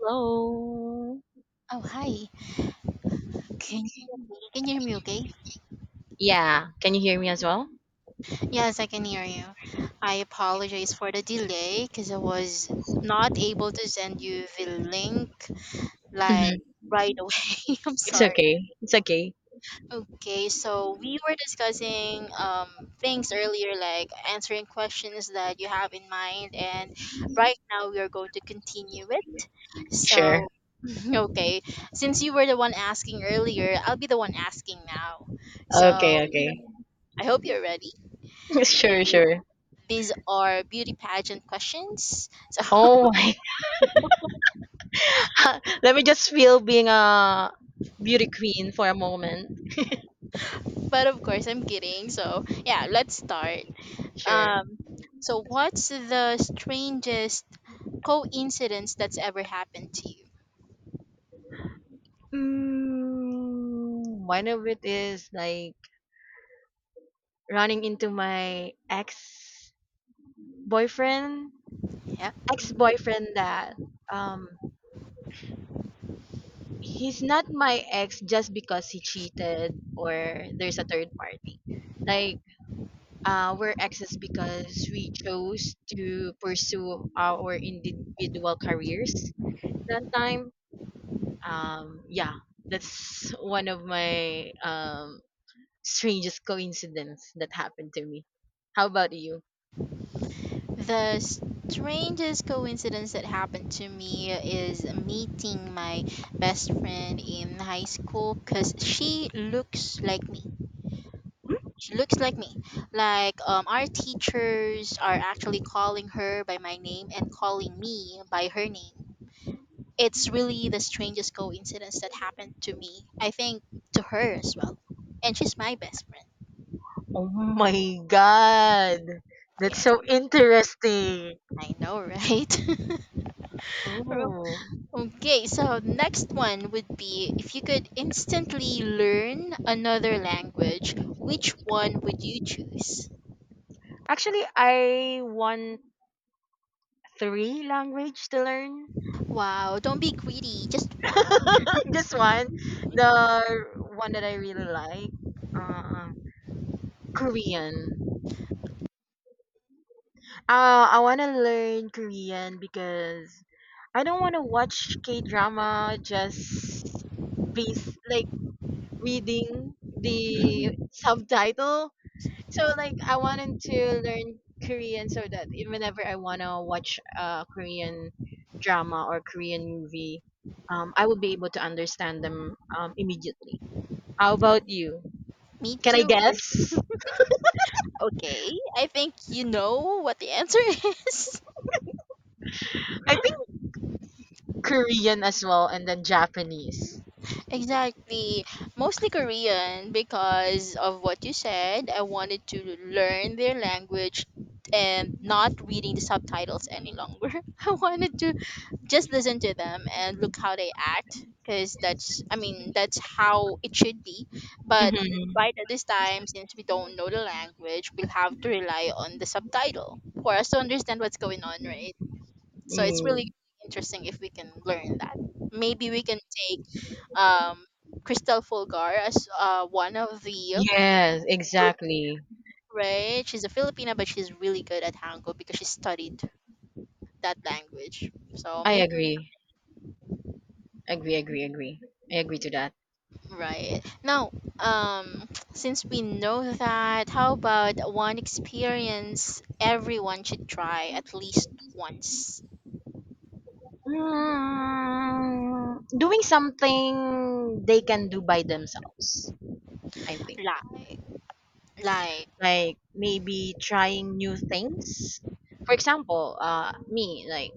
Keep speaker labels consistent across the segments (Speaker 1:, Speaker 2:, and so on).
Speaker 1: Hello.
Speaker 2: Oh, hi. Can you hear me? Can you hear me okay?
Speaker 1: Yeah. Can you hear me as well?
Speaker 2: Yes, I can hear you. I apologize for the delay because I was not able to send you the link like
Speaker 1: Hmm.
Speaker 2: right away. I'm
Speaker 1: It's
Speaker 2: sorry.
Speaker 1: okay. It's okay.
Speaker 2: Okay, so we were discussing things earlier like answering questions that you have in mind and right now we are going to continue it.
Speaker 1: Sure.
Speaker 2: So, okay, since you were the one asking earlier, I'll be the one asking now.
Speaker 1: Okay,
Speaker 2: So,
Speaker 1: okay.
Speaker 2: I hope you're ready.
Speaker 1: sure,
Speaker 2: Kidding.
Speaker 1: sure.
Speaker 2: These are beauty pageant questions. So,
Speaker 1: Oh my. Let me just feel being a beauty queen for a moment.
Speaker 2: but of course, I'm kidding. So, yeah, let's start.
Speaker 1: Sure.
Speaker 2: Um, so, what's the strangest coincidence that's ever happened to you?
Speaker 1: Mm, one of it is like running into my boyfriend,
Speaker 2: Yeah.
Speaker 1: ex boyfriend that um he's not my ex just because he cheated or there's a third party. Like, we're exes because we chose to pursue our individual careers that time. Yeah, that's one of my strangest coincidence that happened to me. How about you?
Speaker 2: The strangest coincidence that happened to me is meeting my best friend in high school because she looks like me. She looks like me. Like our teachers are actually calling her by my name and calling me by her name. It's really the strangest coincidence that happened to me. I think to her as well. And she's my best friend.
Speaker 1: Oh my god, that's
Speaker 2: Yes,
Speaker 1: so interesting.
Speaker 2: I know, right?
Speaker 1: Oh.
Speaker 2: Okay, so next one would be, if you could instantly learn another language, which one would you choose?
Speaker 1: Actually, I want three language to learn.
Speaker 2: Wow, don't be greedy, just one.
Speaker 1: Just one. The one that I really like. Um, Korean. I want to learn Korean because I don't want to watch K drama just based like reading the subtitle. So like I wanted to learn Korean so that whenever I wanna watch a Korean drama or Korean movie, I will be able to understand them immediately. How about you?
Speaker 2: Me
Speaker 1: Can I
Speaker 2: too.
Speaker 1: guess?
Speaker 2: Okay, I think you know what the answer is.
Speaker 1: I think Korean as well, and then Japanese.
Speaker 2: Exactly. Mostly Korean because of what you said. I wanted to learn their language and not reading the subtitles any longer. I wanted to just listen to them and look how they act because that's, I mean, that's how it should be. But
Speaker 1: Mm-hmm.
Speaker 2: right at this time, since we don't know the language, we'll have to rely on the subtitle for us to understand what's going on, right? So it's really
Speaker 1: Mm.
Speaker 2: interesting if we can learn that. Maybe we can take um, Crystal Fulgar as one of the
Speaker 1: Yes, exactly.
Speaker 2: right. She's a Filipina, but she's really good at Hangul because she studied that language. So
Speaker 1: I
Speaker 2: maybe
Speaker 1: agree. Agree, agree, agree. I agree to that.
Speaker 2: right now, since we know that, how about one experience everyone should try at least once?
Speaker 1: Mm, doing something they can do by themselves, I think.
Speaker 2: Like, like,
Speaker 1: Like maybe trying new things. For example, me, like,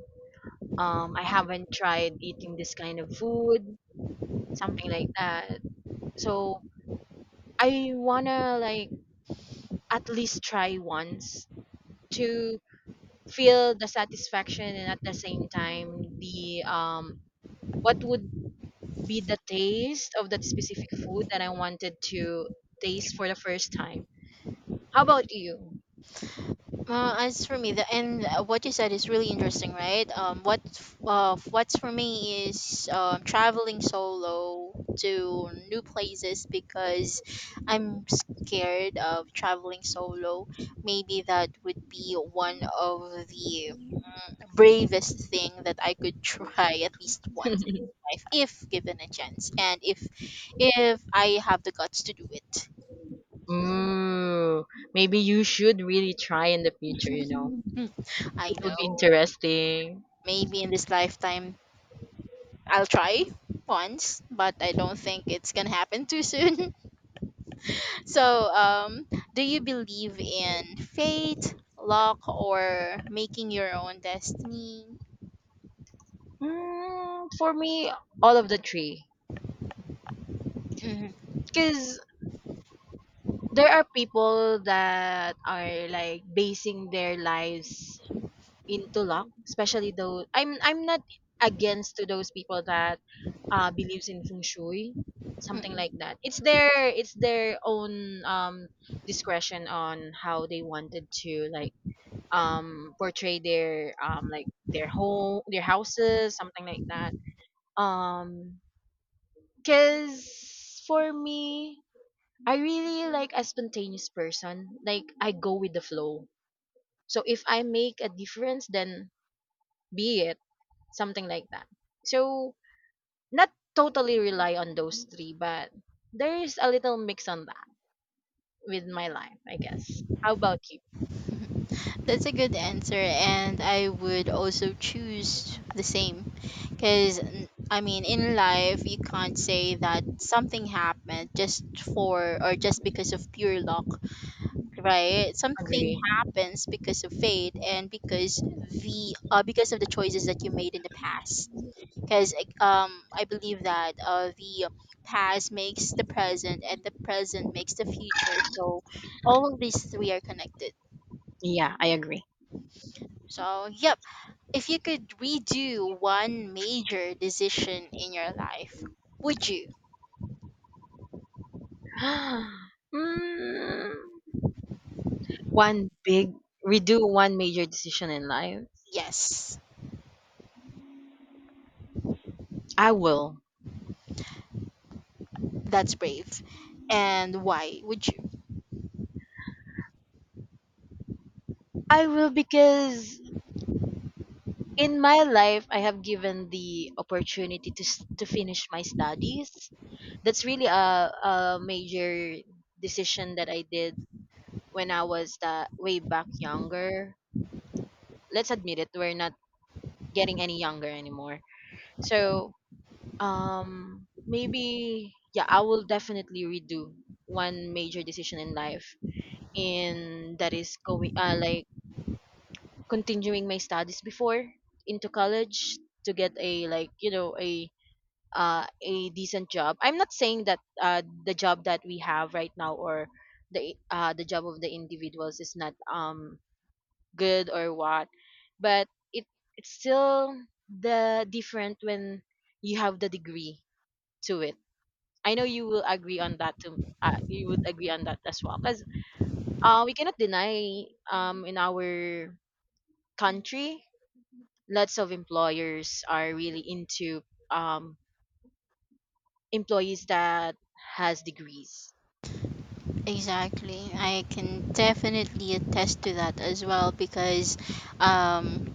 Speaker 1: I haven't tried eating this kind of food, something like that. So I wanna like at least try once to feel the satisfaction and at the same time the what would be the taste of that specific food that I wanted to taste for the first time. How about you?
Speaker 2: As for me, the and what you said is really interesting, right? What's for me is traveling solo to new places because I'm scared of traveling solo. Maybe that would be one of the bravest thing that I could try at least once in my life if given a chance and if I have the guts to do it.
Speaker 1: Ooh, maybe you should really try in the future, you know.
Speaker 2: I
Speaker 1: It would be
Speaker 2: know.
Speaker 1: interesting.
Speaker 2: Maybe in this lifetime I'll try once, but I don't think it's gonna happen too soon. So, do you believe in fate, luck, or making your own destiny?
Speaker 1: Mm, for me, all of the three.
Speaker 2: Mhm,
Speaker 1: Because there are people that are like basing their lives into luck, especially those. I'm not against to those people that believes in feng shui, something like
Speaker 2: mhm.
Speaker 1: that. It's their own discretion on how they wanted to like portray their like their home, their houses, something like that, um because for me, I really like a spontaneous person, like I go with the flow. So if I make a difference, then be it, something like that. So, not totally rely on those three, but there is a little mix on that with my life, I guess. How about you?
Speaker 2: Mhm. That's a good answer, and I would also choose the same. Because, I mean, in life, you can't say that something happened just for or just because of pure luck. Right, something
Speaker 1: Agree.
Speaker 2: happens because of fate and because the because of the choices that you made in the past because I believe that the past makes the present and the present makes the future, so all of these three are connected.
Speaker 1: Yeah, I agree.
Speaker 2: So yep, if you could redo one major decision in your life, would you?
Speaker 1: mm, one big redo one major decision in life.
Speaker 2: Yes,
Speaker 1: I will.
Speaker 2: that's brave, and why would you?
Speaker 1: I will because in my life I have given the opportunity to to finish my studies. That's really a major decision that I did when I was way back younger. Let's admit it, we're not getting any younger anymore. So, maybe yeah, I will definitely redo one major decision in life, and that is going like continuing my studies before into college to get a like you know a decent job. I'm not saying that the job that we have right now or the job of the individuals is not good or what, but it, it's still the different when you have the degree to it. I know you will agree on that too. You would agree on that as well because we cannot deny in our country, lots of employers are really into um, employees that has degrees.
Speaker 2: Exactly. I can definitely attest to that as well because um,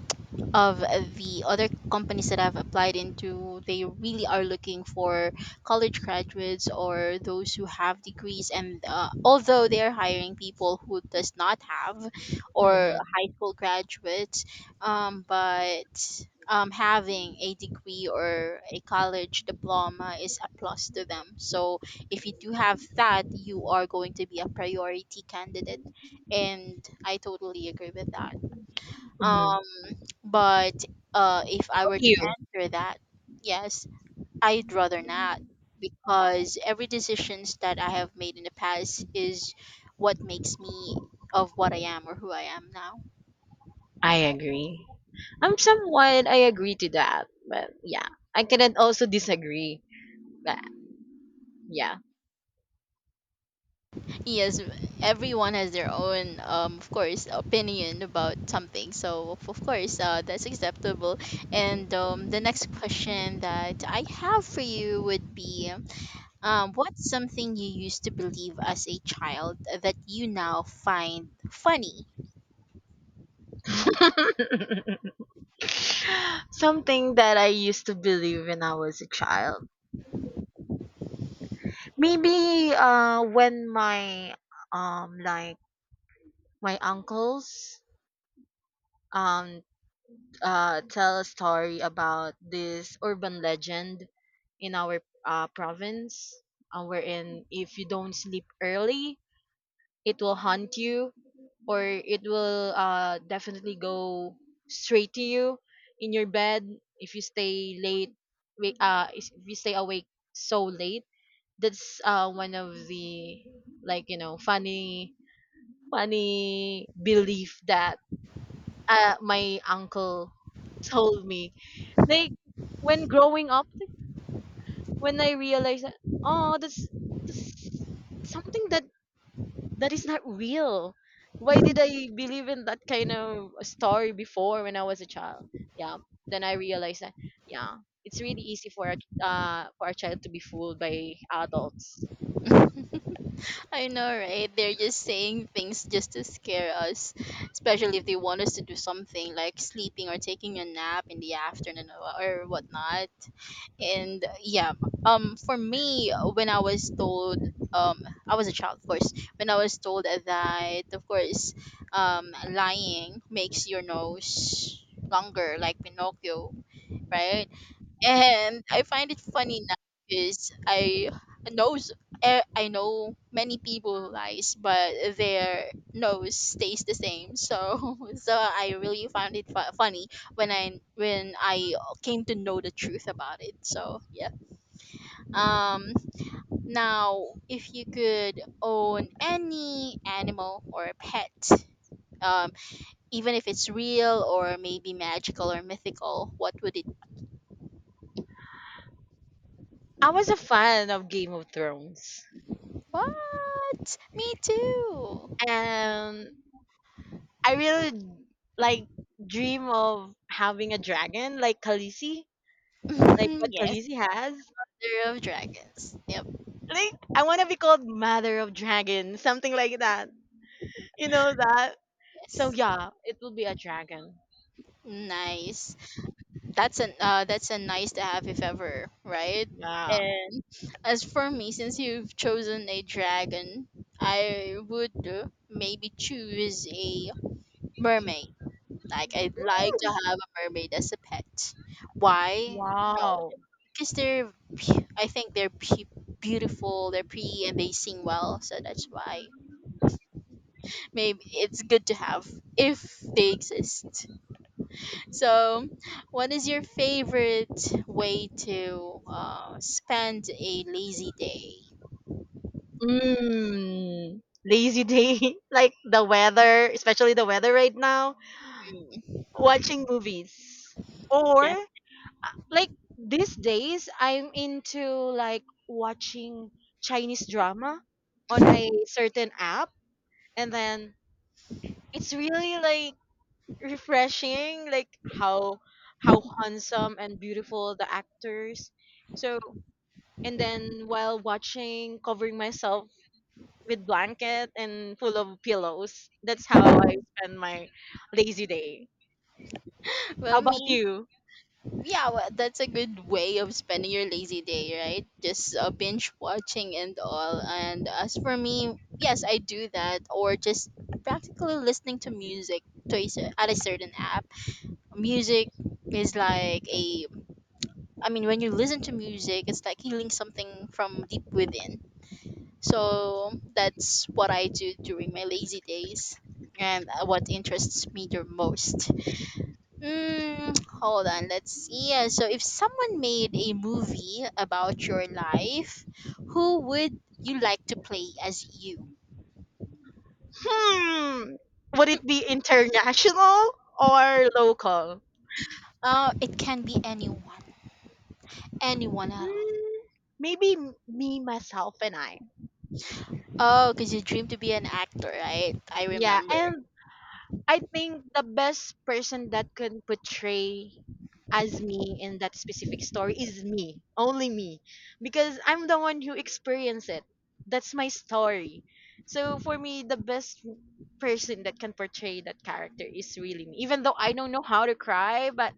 Speaker 2: of the other companies that I've applied into, they really are looking for college graduates or those who have degrees. And although they are hiring people who does not have or
Speaker 1: Mm-hmm.
Speaker 2: high school graduates, but having a degree or a college diploma is a plus to them. So if you do have that, you are going to be a priority candidate, and I totally agree with that.
Speaker 1: Hmm.
Speaker 2: Um, but if I were to
Speaker 1: You,
Speaker 2: answer that, yes, I'd rather not because every decisions that I have made in the past is what makes me of what I am or who I am now.
Speaker 1: I
Speaker 2: Yep.
Speaker 1: agree. I'm somewhat I agree to that, but yeah, I cannot also disagree. But yeah.
Speaker 2: Yes, everyone has their own, of course, opinion about something. So of course, that's acceptable. And the next question that I have for you would be, what's something you used to believe as a child that you now find funny?
Speaker 1: Something that I used to believe when I was a child. Maybe when my like my uncles um tell a story about this urban legend in our province, wherein if you don't sleep early, it will haunt you, or it will definitely go straight to you in your bed if you stay late. If you stay awake so late, that's one of the like you know funny, funny belief that my uncle told me like when growing up, when I realized that oh, this something that is not real. Why did I believe in that kind of story before when I was a child? Yeah. Then I realized that yeah, it's really easy for a for a child to be fooled by adults.
Speaker 2: I know, right? They're just saying things just to scare us, especially if they want us to do something like sleeping or taking a nap in the afternoon or whatnot. And yeah, for me, when I was told, um, I was a child, of course. When I was told that, of course, lying makes your nose longer, like Pinocchio, right? And I find it funny now because I knows I know many people lies, but their nose stays the same. So so I really found it funny when I came to know the truth about it. So yeah. Um. Now, if you could own any animal or a pet, um, even if it's real or maybe magical or mythical, what would it
Speaker 1: I was a fan of Game of Thrones,
Speaker 2: What? Me too.
Speaker 1: and I really like dream of having a dragon like Khaleesi, like what
Speaker 2: Yes,
Speaker 1: Khaleesi has.
Speaker 2: the Row of Dragons. Yep.
Speaker 1: Like I want to be called Mother of Dragons, something like that. You know that? So
Speaker 2: Yes.
Speaker 1: yeah, it will be a dragon.
Speaker 2: Nice. That's an that's a nice to have if ever, right?
Speaker 1: Yeah.
Speaker 2: And as for me, since you've chosen a dragon, I would maybe choose a mermaid. Like, I'd like to
Speaker 1: Mm.
Speaker 2: have a mermaid as a pet. Why? No,
Speaker 1: Wow.
Speaker 2: because they're, I think they're beautiful, they're pretty, and they sing well. So that's why. Maybe it's good to have if they exist. So, what is your favorite way to spend a lazy day?
Speaker 1: Mm. Lazy day, like the weather, especially the weather right now.
Speaker 2: Mm,
Speaker 1: Watching movies, or
Speaker 2: that-
Speaker 1: like these days, I'm into like watching Chinese drama on a certain app, and then it's really like refreshing like how handsome and beautiful the actors. So, and then while watching, covering myself with blanket and full of pillows, that's how I spend my lazy day.
Speaker 2: Well,
Speaker 1: How about
Speaker 2: me,
Speaker 1: you?
Speaker 2: yeah, well, that's a good way of spending your lazy day, right? Just binge watching and all. And as for me, yes, I do that, or just practically listening to music to a, at a certain app. Music is like a I mean, when you listen to music, it's like healing something from deep within. So that's what I do during my lazy days and what interests me the most. Mm, hold on, let's see. Yeah, so if someone made a movie about your life, who would you like to play as you?
Speaker 1: Hmm, would it be international or local?
Speaker 2: It can be anyone. Anyone at all.
Speaker 1: Hmm, maybe me myself and I.
Speaker 2: Oh, because you dream to be an actor, right? I
Speaker 1: Yeah,
Speaker 2: remember.
Speaker 1: and I think the best person that can portray as me in that specific story is me, only me, because I'm the one who experienced it. That's my story. So for me, the best person that can portray that character is really me. Even though I don't know how to cry, but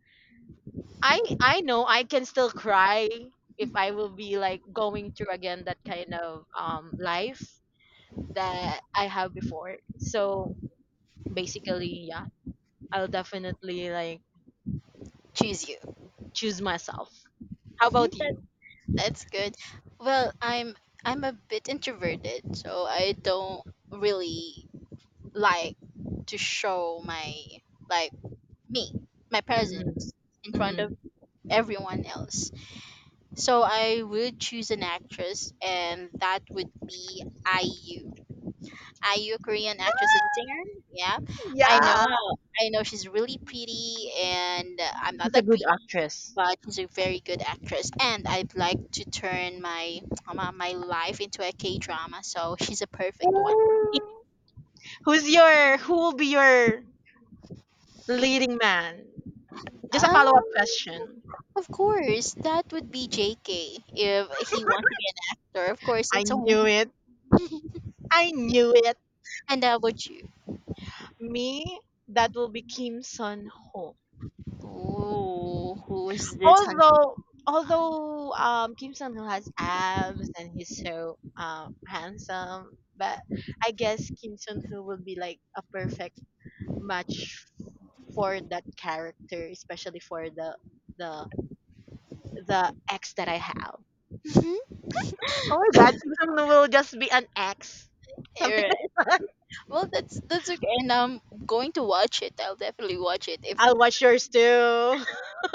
Speaker 1: I know I can still cry if I will be like going through again that kind of life that I have before. So basically, yeah. I'll definitely like
Speaker 2: Choose
Speaker 1: choose myself. How about
Speaker 2: you.
Speaker 1: you?
Speaker 2: That's good. Well, I'm a bit introverted, so I don't really like to show my like me, my
Speaker 1: Mhm.
Speaker 2: presence in front
Speaker 1: Mhm.
Speaker 2: of everyone else. So I would choose an actress and that would be IU. IU, Korean actress and singer. Yeah. I know
Speaker 1: Yeah.
Speaker 2: I know she's really pretty and I'm not
Speaker 1: She's a
Speaker 2: that
Speaker 1: good
Speaker 2: pretty
Speaker 1: actress.
Speaker 2: but she's a very good actress, and I'd like to turn my my life into a K drama, so she's a perfect one.
Speaker 1: Ooh. Who will be your leading man? Just a
Speaker 2: um
Speaker 1: follow-up question.
Speaker 2: of course that would be JK if he wants to be an actor, of course.
Speaker 1: I
Speaker 2: It's only
Speaker 1: knew it. I knew it.
Speaker 2: and how about you?
Speaker 1: Me, that will be Kim Sun Ho.
Speaker 2: Oh, who is this handsome
Speaker 1: Although
Speaker 2: man?
Speaker 1: Kim Sun Ho has abs and he's so handsome, but I guess Kim Sun Ho will be like a perfect much for that character, especially for the the ex that I have.
Speaker 2: Mhm.
Speaker 1: Oh my god, Kim Sung Noo will just be an ex. Something
Speaker 2: Alright.
Speaker 1: like that.
Speaker 2: Well, that's okay, and I'm going to watch it. I'll definitely watch it if
Speaker 1: I'll watch yours too.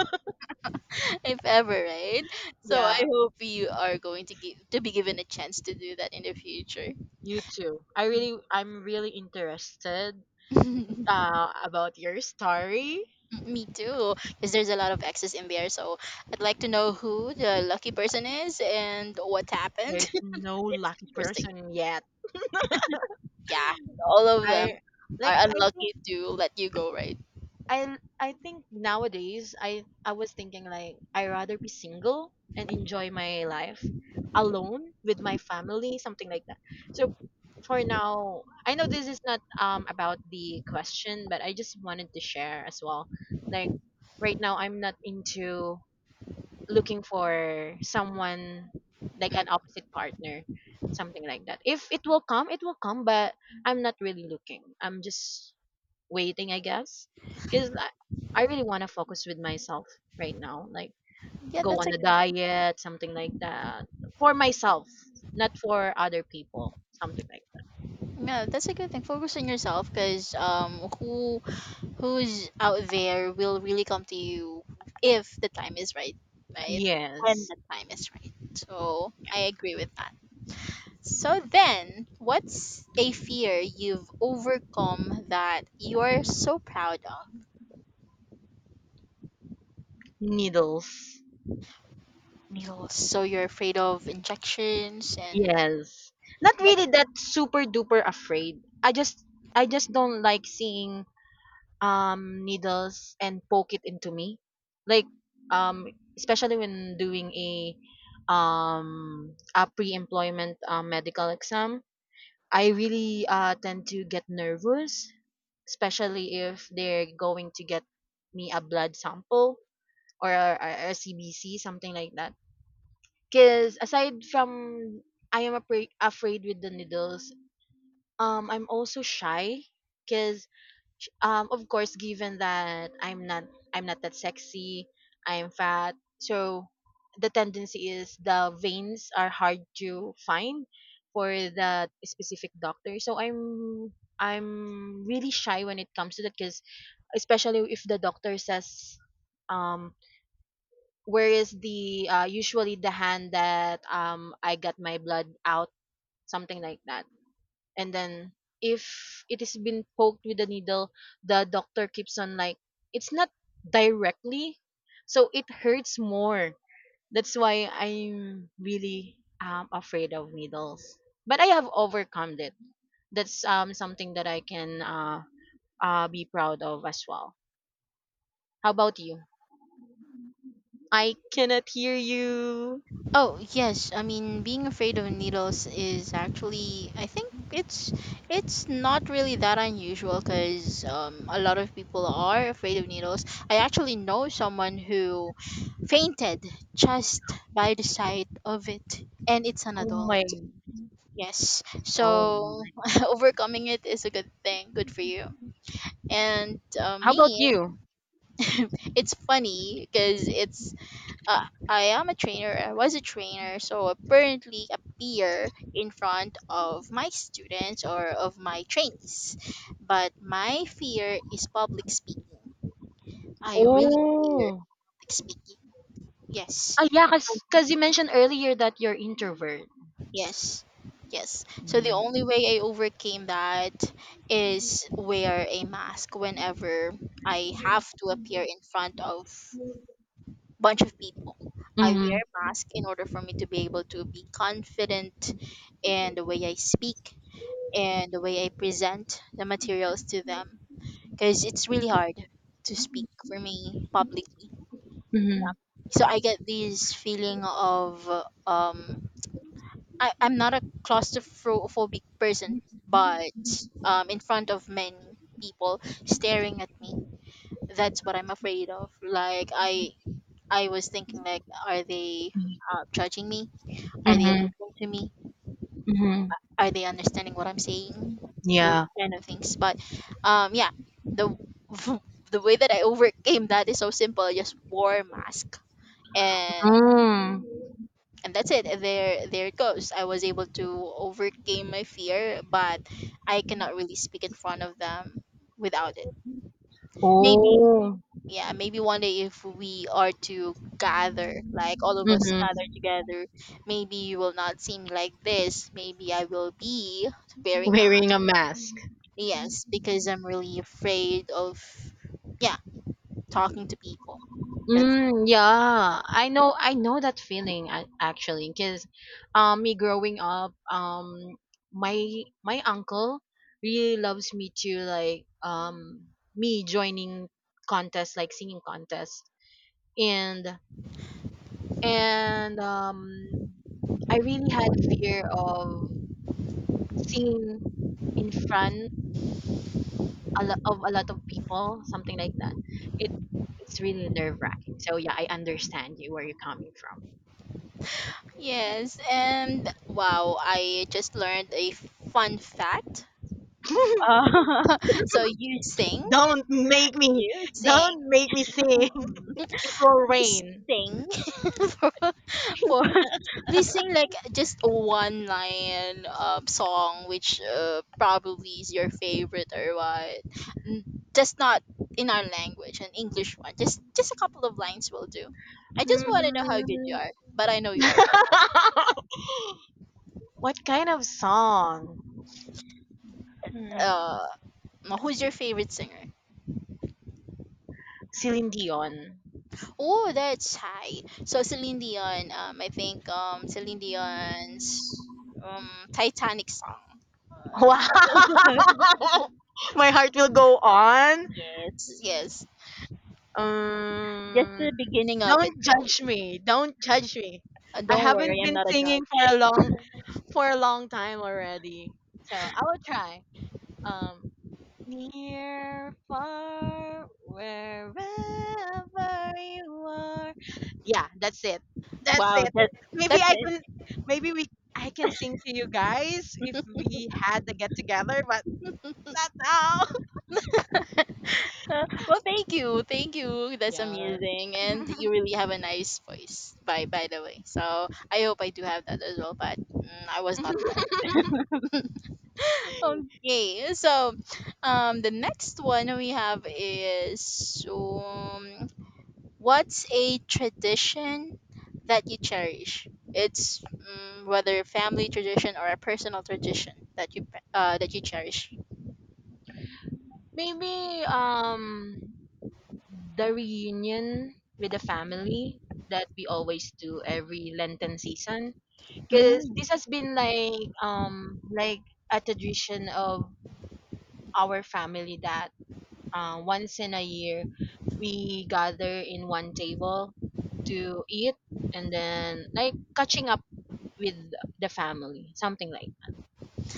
Speaker 2: if ever, right? So I
Speaker 1: yeah,
Speaker 2: hope you are going to give to be given a chance to do that in the future.
Speaker 1: you too. I'm really interested about your story.
Speaker 2: Me too, because there's a lot of exes in there. So I'd like to know who the lucky person is and what happened.
Speaker 1: There's no
Speaker 2: It's
Speaker 1: lucky
Speaker 2: interesting.
Speaker 1: person yet.
Speaker 2: Yeah, all of them
Speaker 1: I like
Speaker 2: are
Speaker 1: I think
Speaker 2: unlucky to let you go, right?
Speaker 1: I think nowadays I was thinking like I rather be single and enjoy my life alone with my family, something like that. So for now, I know this is not about the question, but I just wanted to share as well. Like right now I'm not into looking for someone like
Speaker 2: Mm.
Speaker 1: an opposite partner, something like that. If it will come, it will come, but I'm not really looking. I'm just waiting, I guess, because I really want to focus with myself right now. Like
Speaker 2: Yeah,
Speaker 1: go
Speaker 2: that's a
Speaker 1: on a
Speaker 2: good,
Speaker 1: diet, something like that, for myself, not for other people, something like that.
Speaker 2: yeah, that's a good thing. Focus on yourself, because who who's out there will really come to you if the time is right, right? When
Speaker 1: Yes.
Speaker 2: the time is right. So I agree with that. So then, what's a fear you've overcome that you're so proud of?
Speaker 1: Needles.
Speaker 2: Needles. So you're afraid of injections and
Speaker 1: Yes, not
Speaker 2: but
Speaker 1: really that super duper afraid. I just don't like seeing needles and poke it into me, like um especially when doing a pre-employment medical exam. I really tend to get nervous, especially if they're going to get me a blood sample or a CBC, something like that. Because aside from I am afraid with the needles, I'm also shy because of course given that I'm not that sexy, I'm fat. So the tendency is the veins are hard to find for the specific doctor, so I'm really shy when it comes to that because especially if the doctor says um where is the usually the hand that I got my blood out, something like that. And then if it has been poked with a needle, the doctor keeps on like it's not directly, so it hurts more. That's why I'm really afraid of needles, but I have overcome it. That's something that I can be proud of as well. How about you? I cannot hear you.
Speaker 2: oh yes, I mean being afraid of needles is actually I think it's not really that unusual because a lot of people are afraid of needles. I actually know someone who fainted just by the sight of it, and it's an
Speaker 1: Oh
Speaker 2: adult.
Speaker 1: my.
Speaker 2: Yes.
Speaker 1: Oh
Speaker 2: So
Speaker 1: my.
Speaker 2: overcoming it is a good thing. Good for you. And
Speaker 1: How about
Speaker 2: me,
Speaker 1: you?
Speaker 2: it's funny because it's I am a trainer. I was a trainer, so apparently appear in front of my students or of my trainees. But my fear is public speaking. I really fear
Speaker 1: Oh.
Speaker 2: public speaking. Yes.
Speaker 1: Ah yeah, because you mentioned earlier that you're introvert.
Speaker 2: Yes. Yes. So the
Speaker 1: Mhm.
Speaker 2: only way I overcame that is wear a mask whenever I
Speaker 1: Mhm.
Speaker 2: have to appear in front of bunch of people. I wear
Speaker 1: Mhm.
Speaker 2: a mask in order for me to be able to be confident in the way I speak and the way I present the materials to them because it's really hard to speak for me publicly. So I get this feeling of um I, I'm not a claustrophobic person, but in front of many people staring at me, that's what I'm afraid of. Like I was thinking, like, are they judging me? Are they
Speaker 1: Mhm.
Speaker 2: listening to me?
Speaker 1: Mhm.
Speaker 2: Are they understanding what I'm saying? Those
Speaker 1: Yeah.
Speaker 2: kind of things. But yeah, the the way that I overcame that is so simple. I just wore a mask and
Speaker 1: Mm.
Speaker 2: and that's it. There it goes. I was able to overcome my fear, but I cannot really speak in front of them without it. Maybe,
Speaker 1: Oh.
Speaker 2: yeah, maybe one day if we are to gather, like, all of us
Speaker 1: Mhm.
Speaker 2: gather together, maybe you will not see me like this. Maybe I will be wearing my...
Speaker 1: Wearing a mask.
Speaker 2: Yes, because I'm really afraid of, yeah, talking to people. That's...
Speaker 1: Mm, yeah, I know. I know that feeling actually, because me growing up, my my uncle really loves me to like me joining contests like singing contests and and um I really had a fear of seen in front a lot of people, something like that. It, it's really nerve wracking. So yeah, I understand you where you're coming from.
Speaker 2: Yes, and wow, I just learned a fun fact. Oh, so you sing?
Speaker 1: Don't make me,
Speaker 2: You sing.
Speaker 1: don't make me sing.
Speaker 2: Mm.
Speaker 1: It will
Speaker 2: Please
Speaker 1: rain.
Speaker 2: sing. for for please sing, like, just one line song which probably is your favorite or what. Mm, Just not in our language, an English one. Just a couple of lines will do. I just want to know how good you
Speaker 1: Mm.
Speaker 2: are, but I know you are good.
Speaker 1: what kind of song? Hmm.
Speaker 2: Uh, Who's your favorite singer?
Speaker 1: Celine Dion.
Speaker 2: Oh, that's high. So Celine Dion, I think Celine Dion's um, Titanic song. Uh,
Speaker 1: Wow. My heart will go on.
Speaker 2: yes, yes. Just
Speaker 1: Um,
Speaker 2: the beginning of it,
Speaker 1: don't
Speaker 2: though.
Speaker 1: judge me. Don't judge me. I
Speaker 2: Don't
Speaker 1: haven't
Speaker 2: worry, I'm
Speaker 1: been
Speaker 2: not a
Speaker 1: singing
Speaker 2: judge.
Speaker 1: for a long time already. So I will try. Um, near far wherever you are. Yeah, that's it. That's
Speaker 2: Wow,
Speaker 1: it.
Speaker 2: that
Speaker 1: Maybe
Speaker 2: that's
Speaker 1: I can,
Speaker 2: it.
Speaker 1: maybe we, I can sing to you guys if we had the get together, but not now.
Speaker 2: Well, thank you, thank you. That's
Speaker 1: Yeah.
Speaker 2: amazing, and you really have a nice voice. By the way, so I hope I do have that as well. But mm, I was not blessed. Okay, so the next one we have is, what's a tradition that you cherish? It's, whether family tradition or a personal tradition that you, that you cherish.
Speaker 1: Maybe the reunion with the family that we always do every Lenten season, because this has been like a tradition of our family that once in a year we gather in one table to eat and then like catching up with the family, something like that.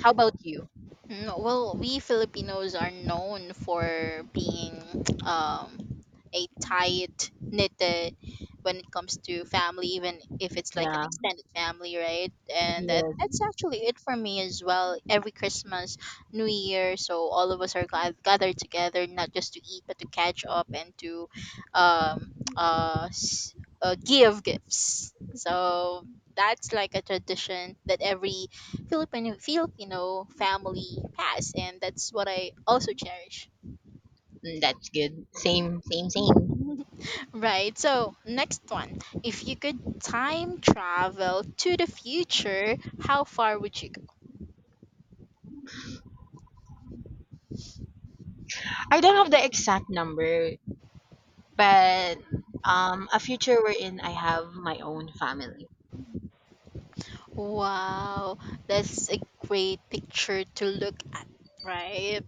Speaker 1: How about you?
Speaker 2: Mm, well, we Filipinos are known for being um, a tight knitted when it comes to family, even if it's like an
Speaker 1: Yeah,
Speaker 2: extended family, right? And that,
Speaker 1: yes.
Speaker 2: that's actually it for me as well. Every Christmas, New Year, so all of us are glad, gathered together, not just to eat, but to catch up and to um, s- give gifts. So that's like a tradition that every Filipino family past, and that's what I also cherish.
Speaker 1: Mm, that's good. Same, same, same.
Speaker 2: Right. So next one, if you could time travel to the future, how far would you go?
Speaker 1: I don't have the exact number, but a future wherein I have my own family.
Speaker 2: Wow, that's a great picture to look at, right?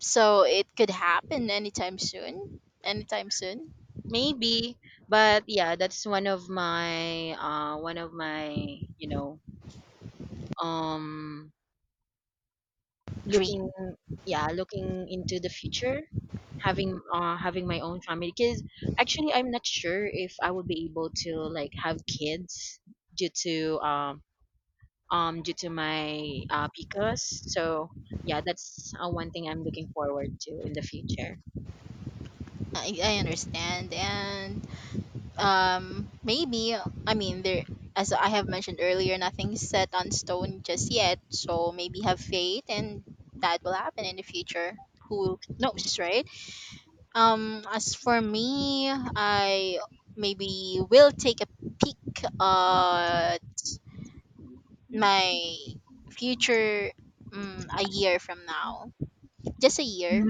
Speaker 2: So it could happen anytime soon. Anytime soon.
Speaker 1: Maybe, but yeah, that's one of my you know, um looking,
Speaker 2: Dream.
Speaker 1: yeah, looking into the future, having having my own family because actually I'm not sure if I would be able to like have kids due to due to my PCOS. So, yeah, that's one thing I'm looking forward to in the future.
Speaker 2: I understand. And um, maybe, I mean there as I have mentioned earlier, nothing's set on stone just yet, so maybe have faith and that will happen in the future. Who knows, right? Um, as for me, I maybe will take a peek at my future, a year from now. Just a year.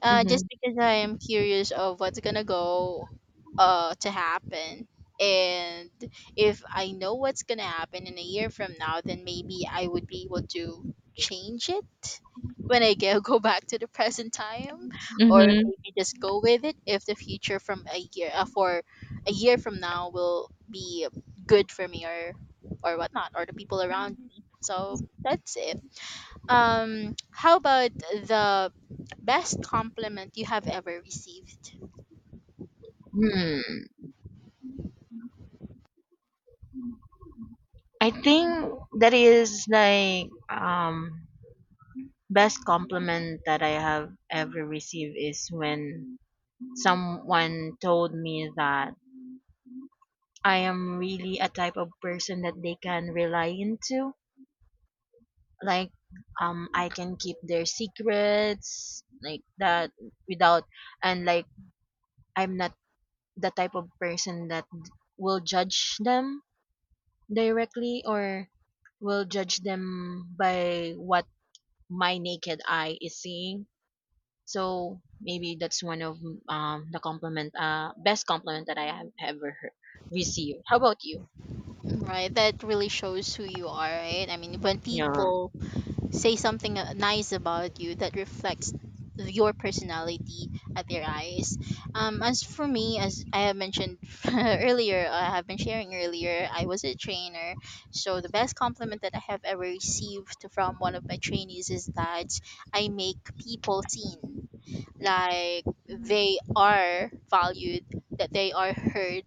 Speaker 2: Just
Speaker 1: Mhm,
Speaker 2: because I am curious of what's gonna go, to happen. And if I know what's gonna happen in a year from now, then maybe I would be able to change it when I go go back to the present time, or
Speaker 1: mhm.
Speaker 2: maybe just go with it if the future from a year, for a year from now will be good for me, or whatnot, or the people around me. So that's it. How about the best compliment you have ever received?
Speaker 1: Hmm, I think that is like best compliment that I have ever received is when someone told me that I am really a type of person that they can rely into. Like I can keep their secrets like that without, and like I'm not the type of person that will judge them directly or will judge them by what my naked eye is seeing. So maybe that's one of the compliment, best compliment that I have ever heard, received. How about you?
Speaker 2: Right, that really shows who you are, right? I mean, when
Speaker 1: Yeah.
Speaker 2: people say something, nice about you, that reflects your personality at their eyes. As for me, as I have mentioned earlier, I have been sharing earlier, I was a trainer. So the best compliment that I have ever received from one of my trainees is that I make people seen, like, they are valued, that they are heard,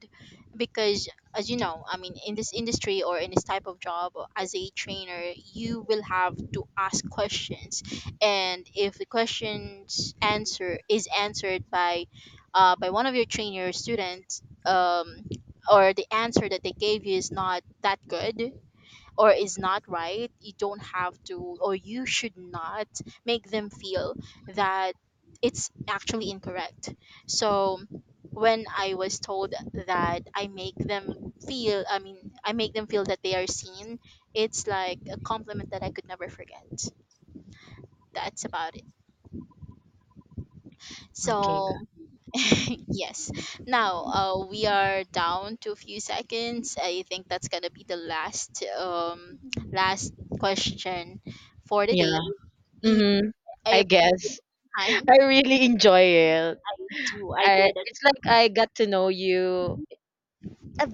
Speaker 2: because, as you know, I mean, in this industry or in this type of job as a trainer, you will have to ask questions. And if the questions answer is answered by, by one of your trainer students, or the answer that they gave you is not that good or is not right, you don't have to, or you should not make them feel that it's actually incorrect. So when I was told that I make them feel, I mean, I make them feel that they are seen, it's like a compliment that I could never forget. That's about it.
Speaker 1: Okay. Got-
Speaker 2: So, yes. Now, we are down to a few seconds. I think that's going to be the last last question for the day.
Speaker 1: Yeah.
Speaker 2: Yeah,
Speaker 1: Mm-hmm. I
Speaker 2: I,
Speaker 1: guess
Speaker 2: I,
Speaker 1: I really enjoy it.
Speaker 2: I do. I
Speaker 1: I,
Speaker 2: did.
Speaker 1: it's like I got to know you
Speaker 2: It.
Speaker 1: a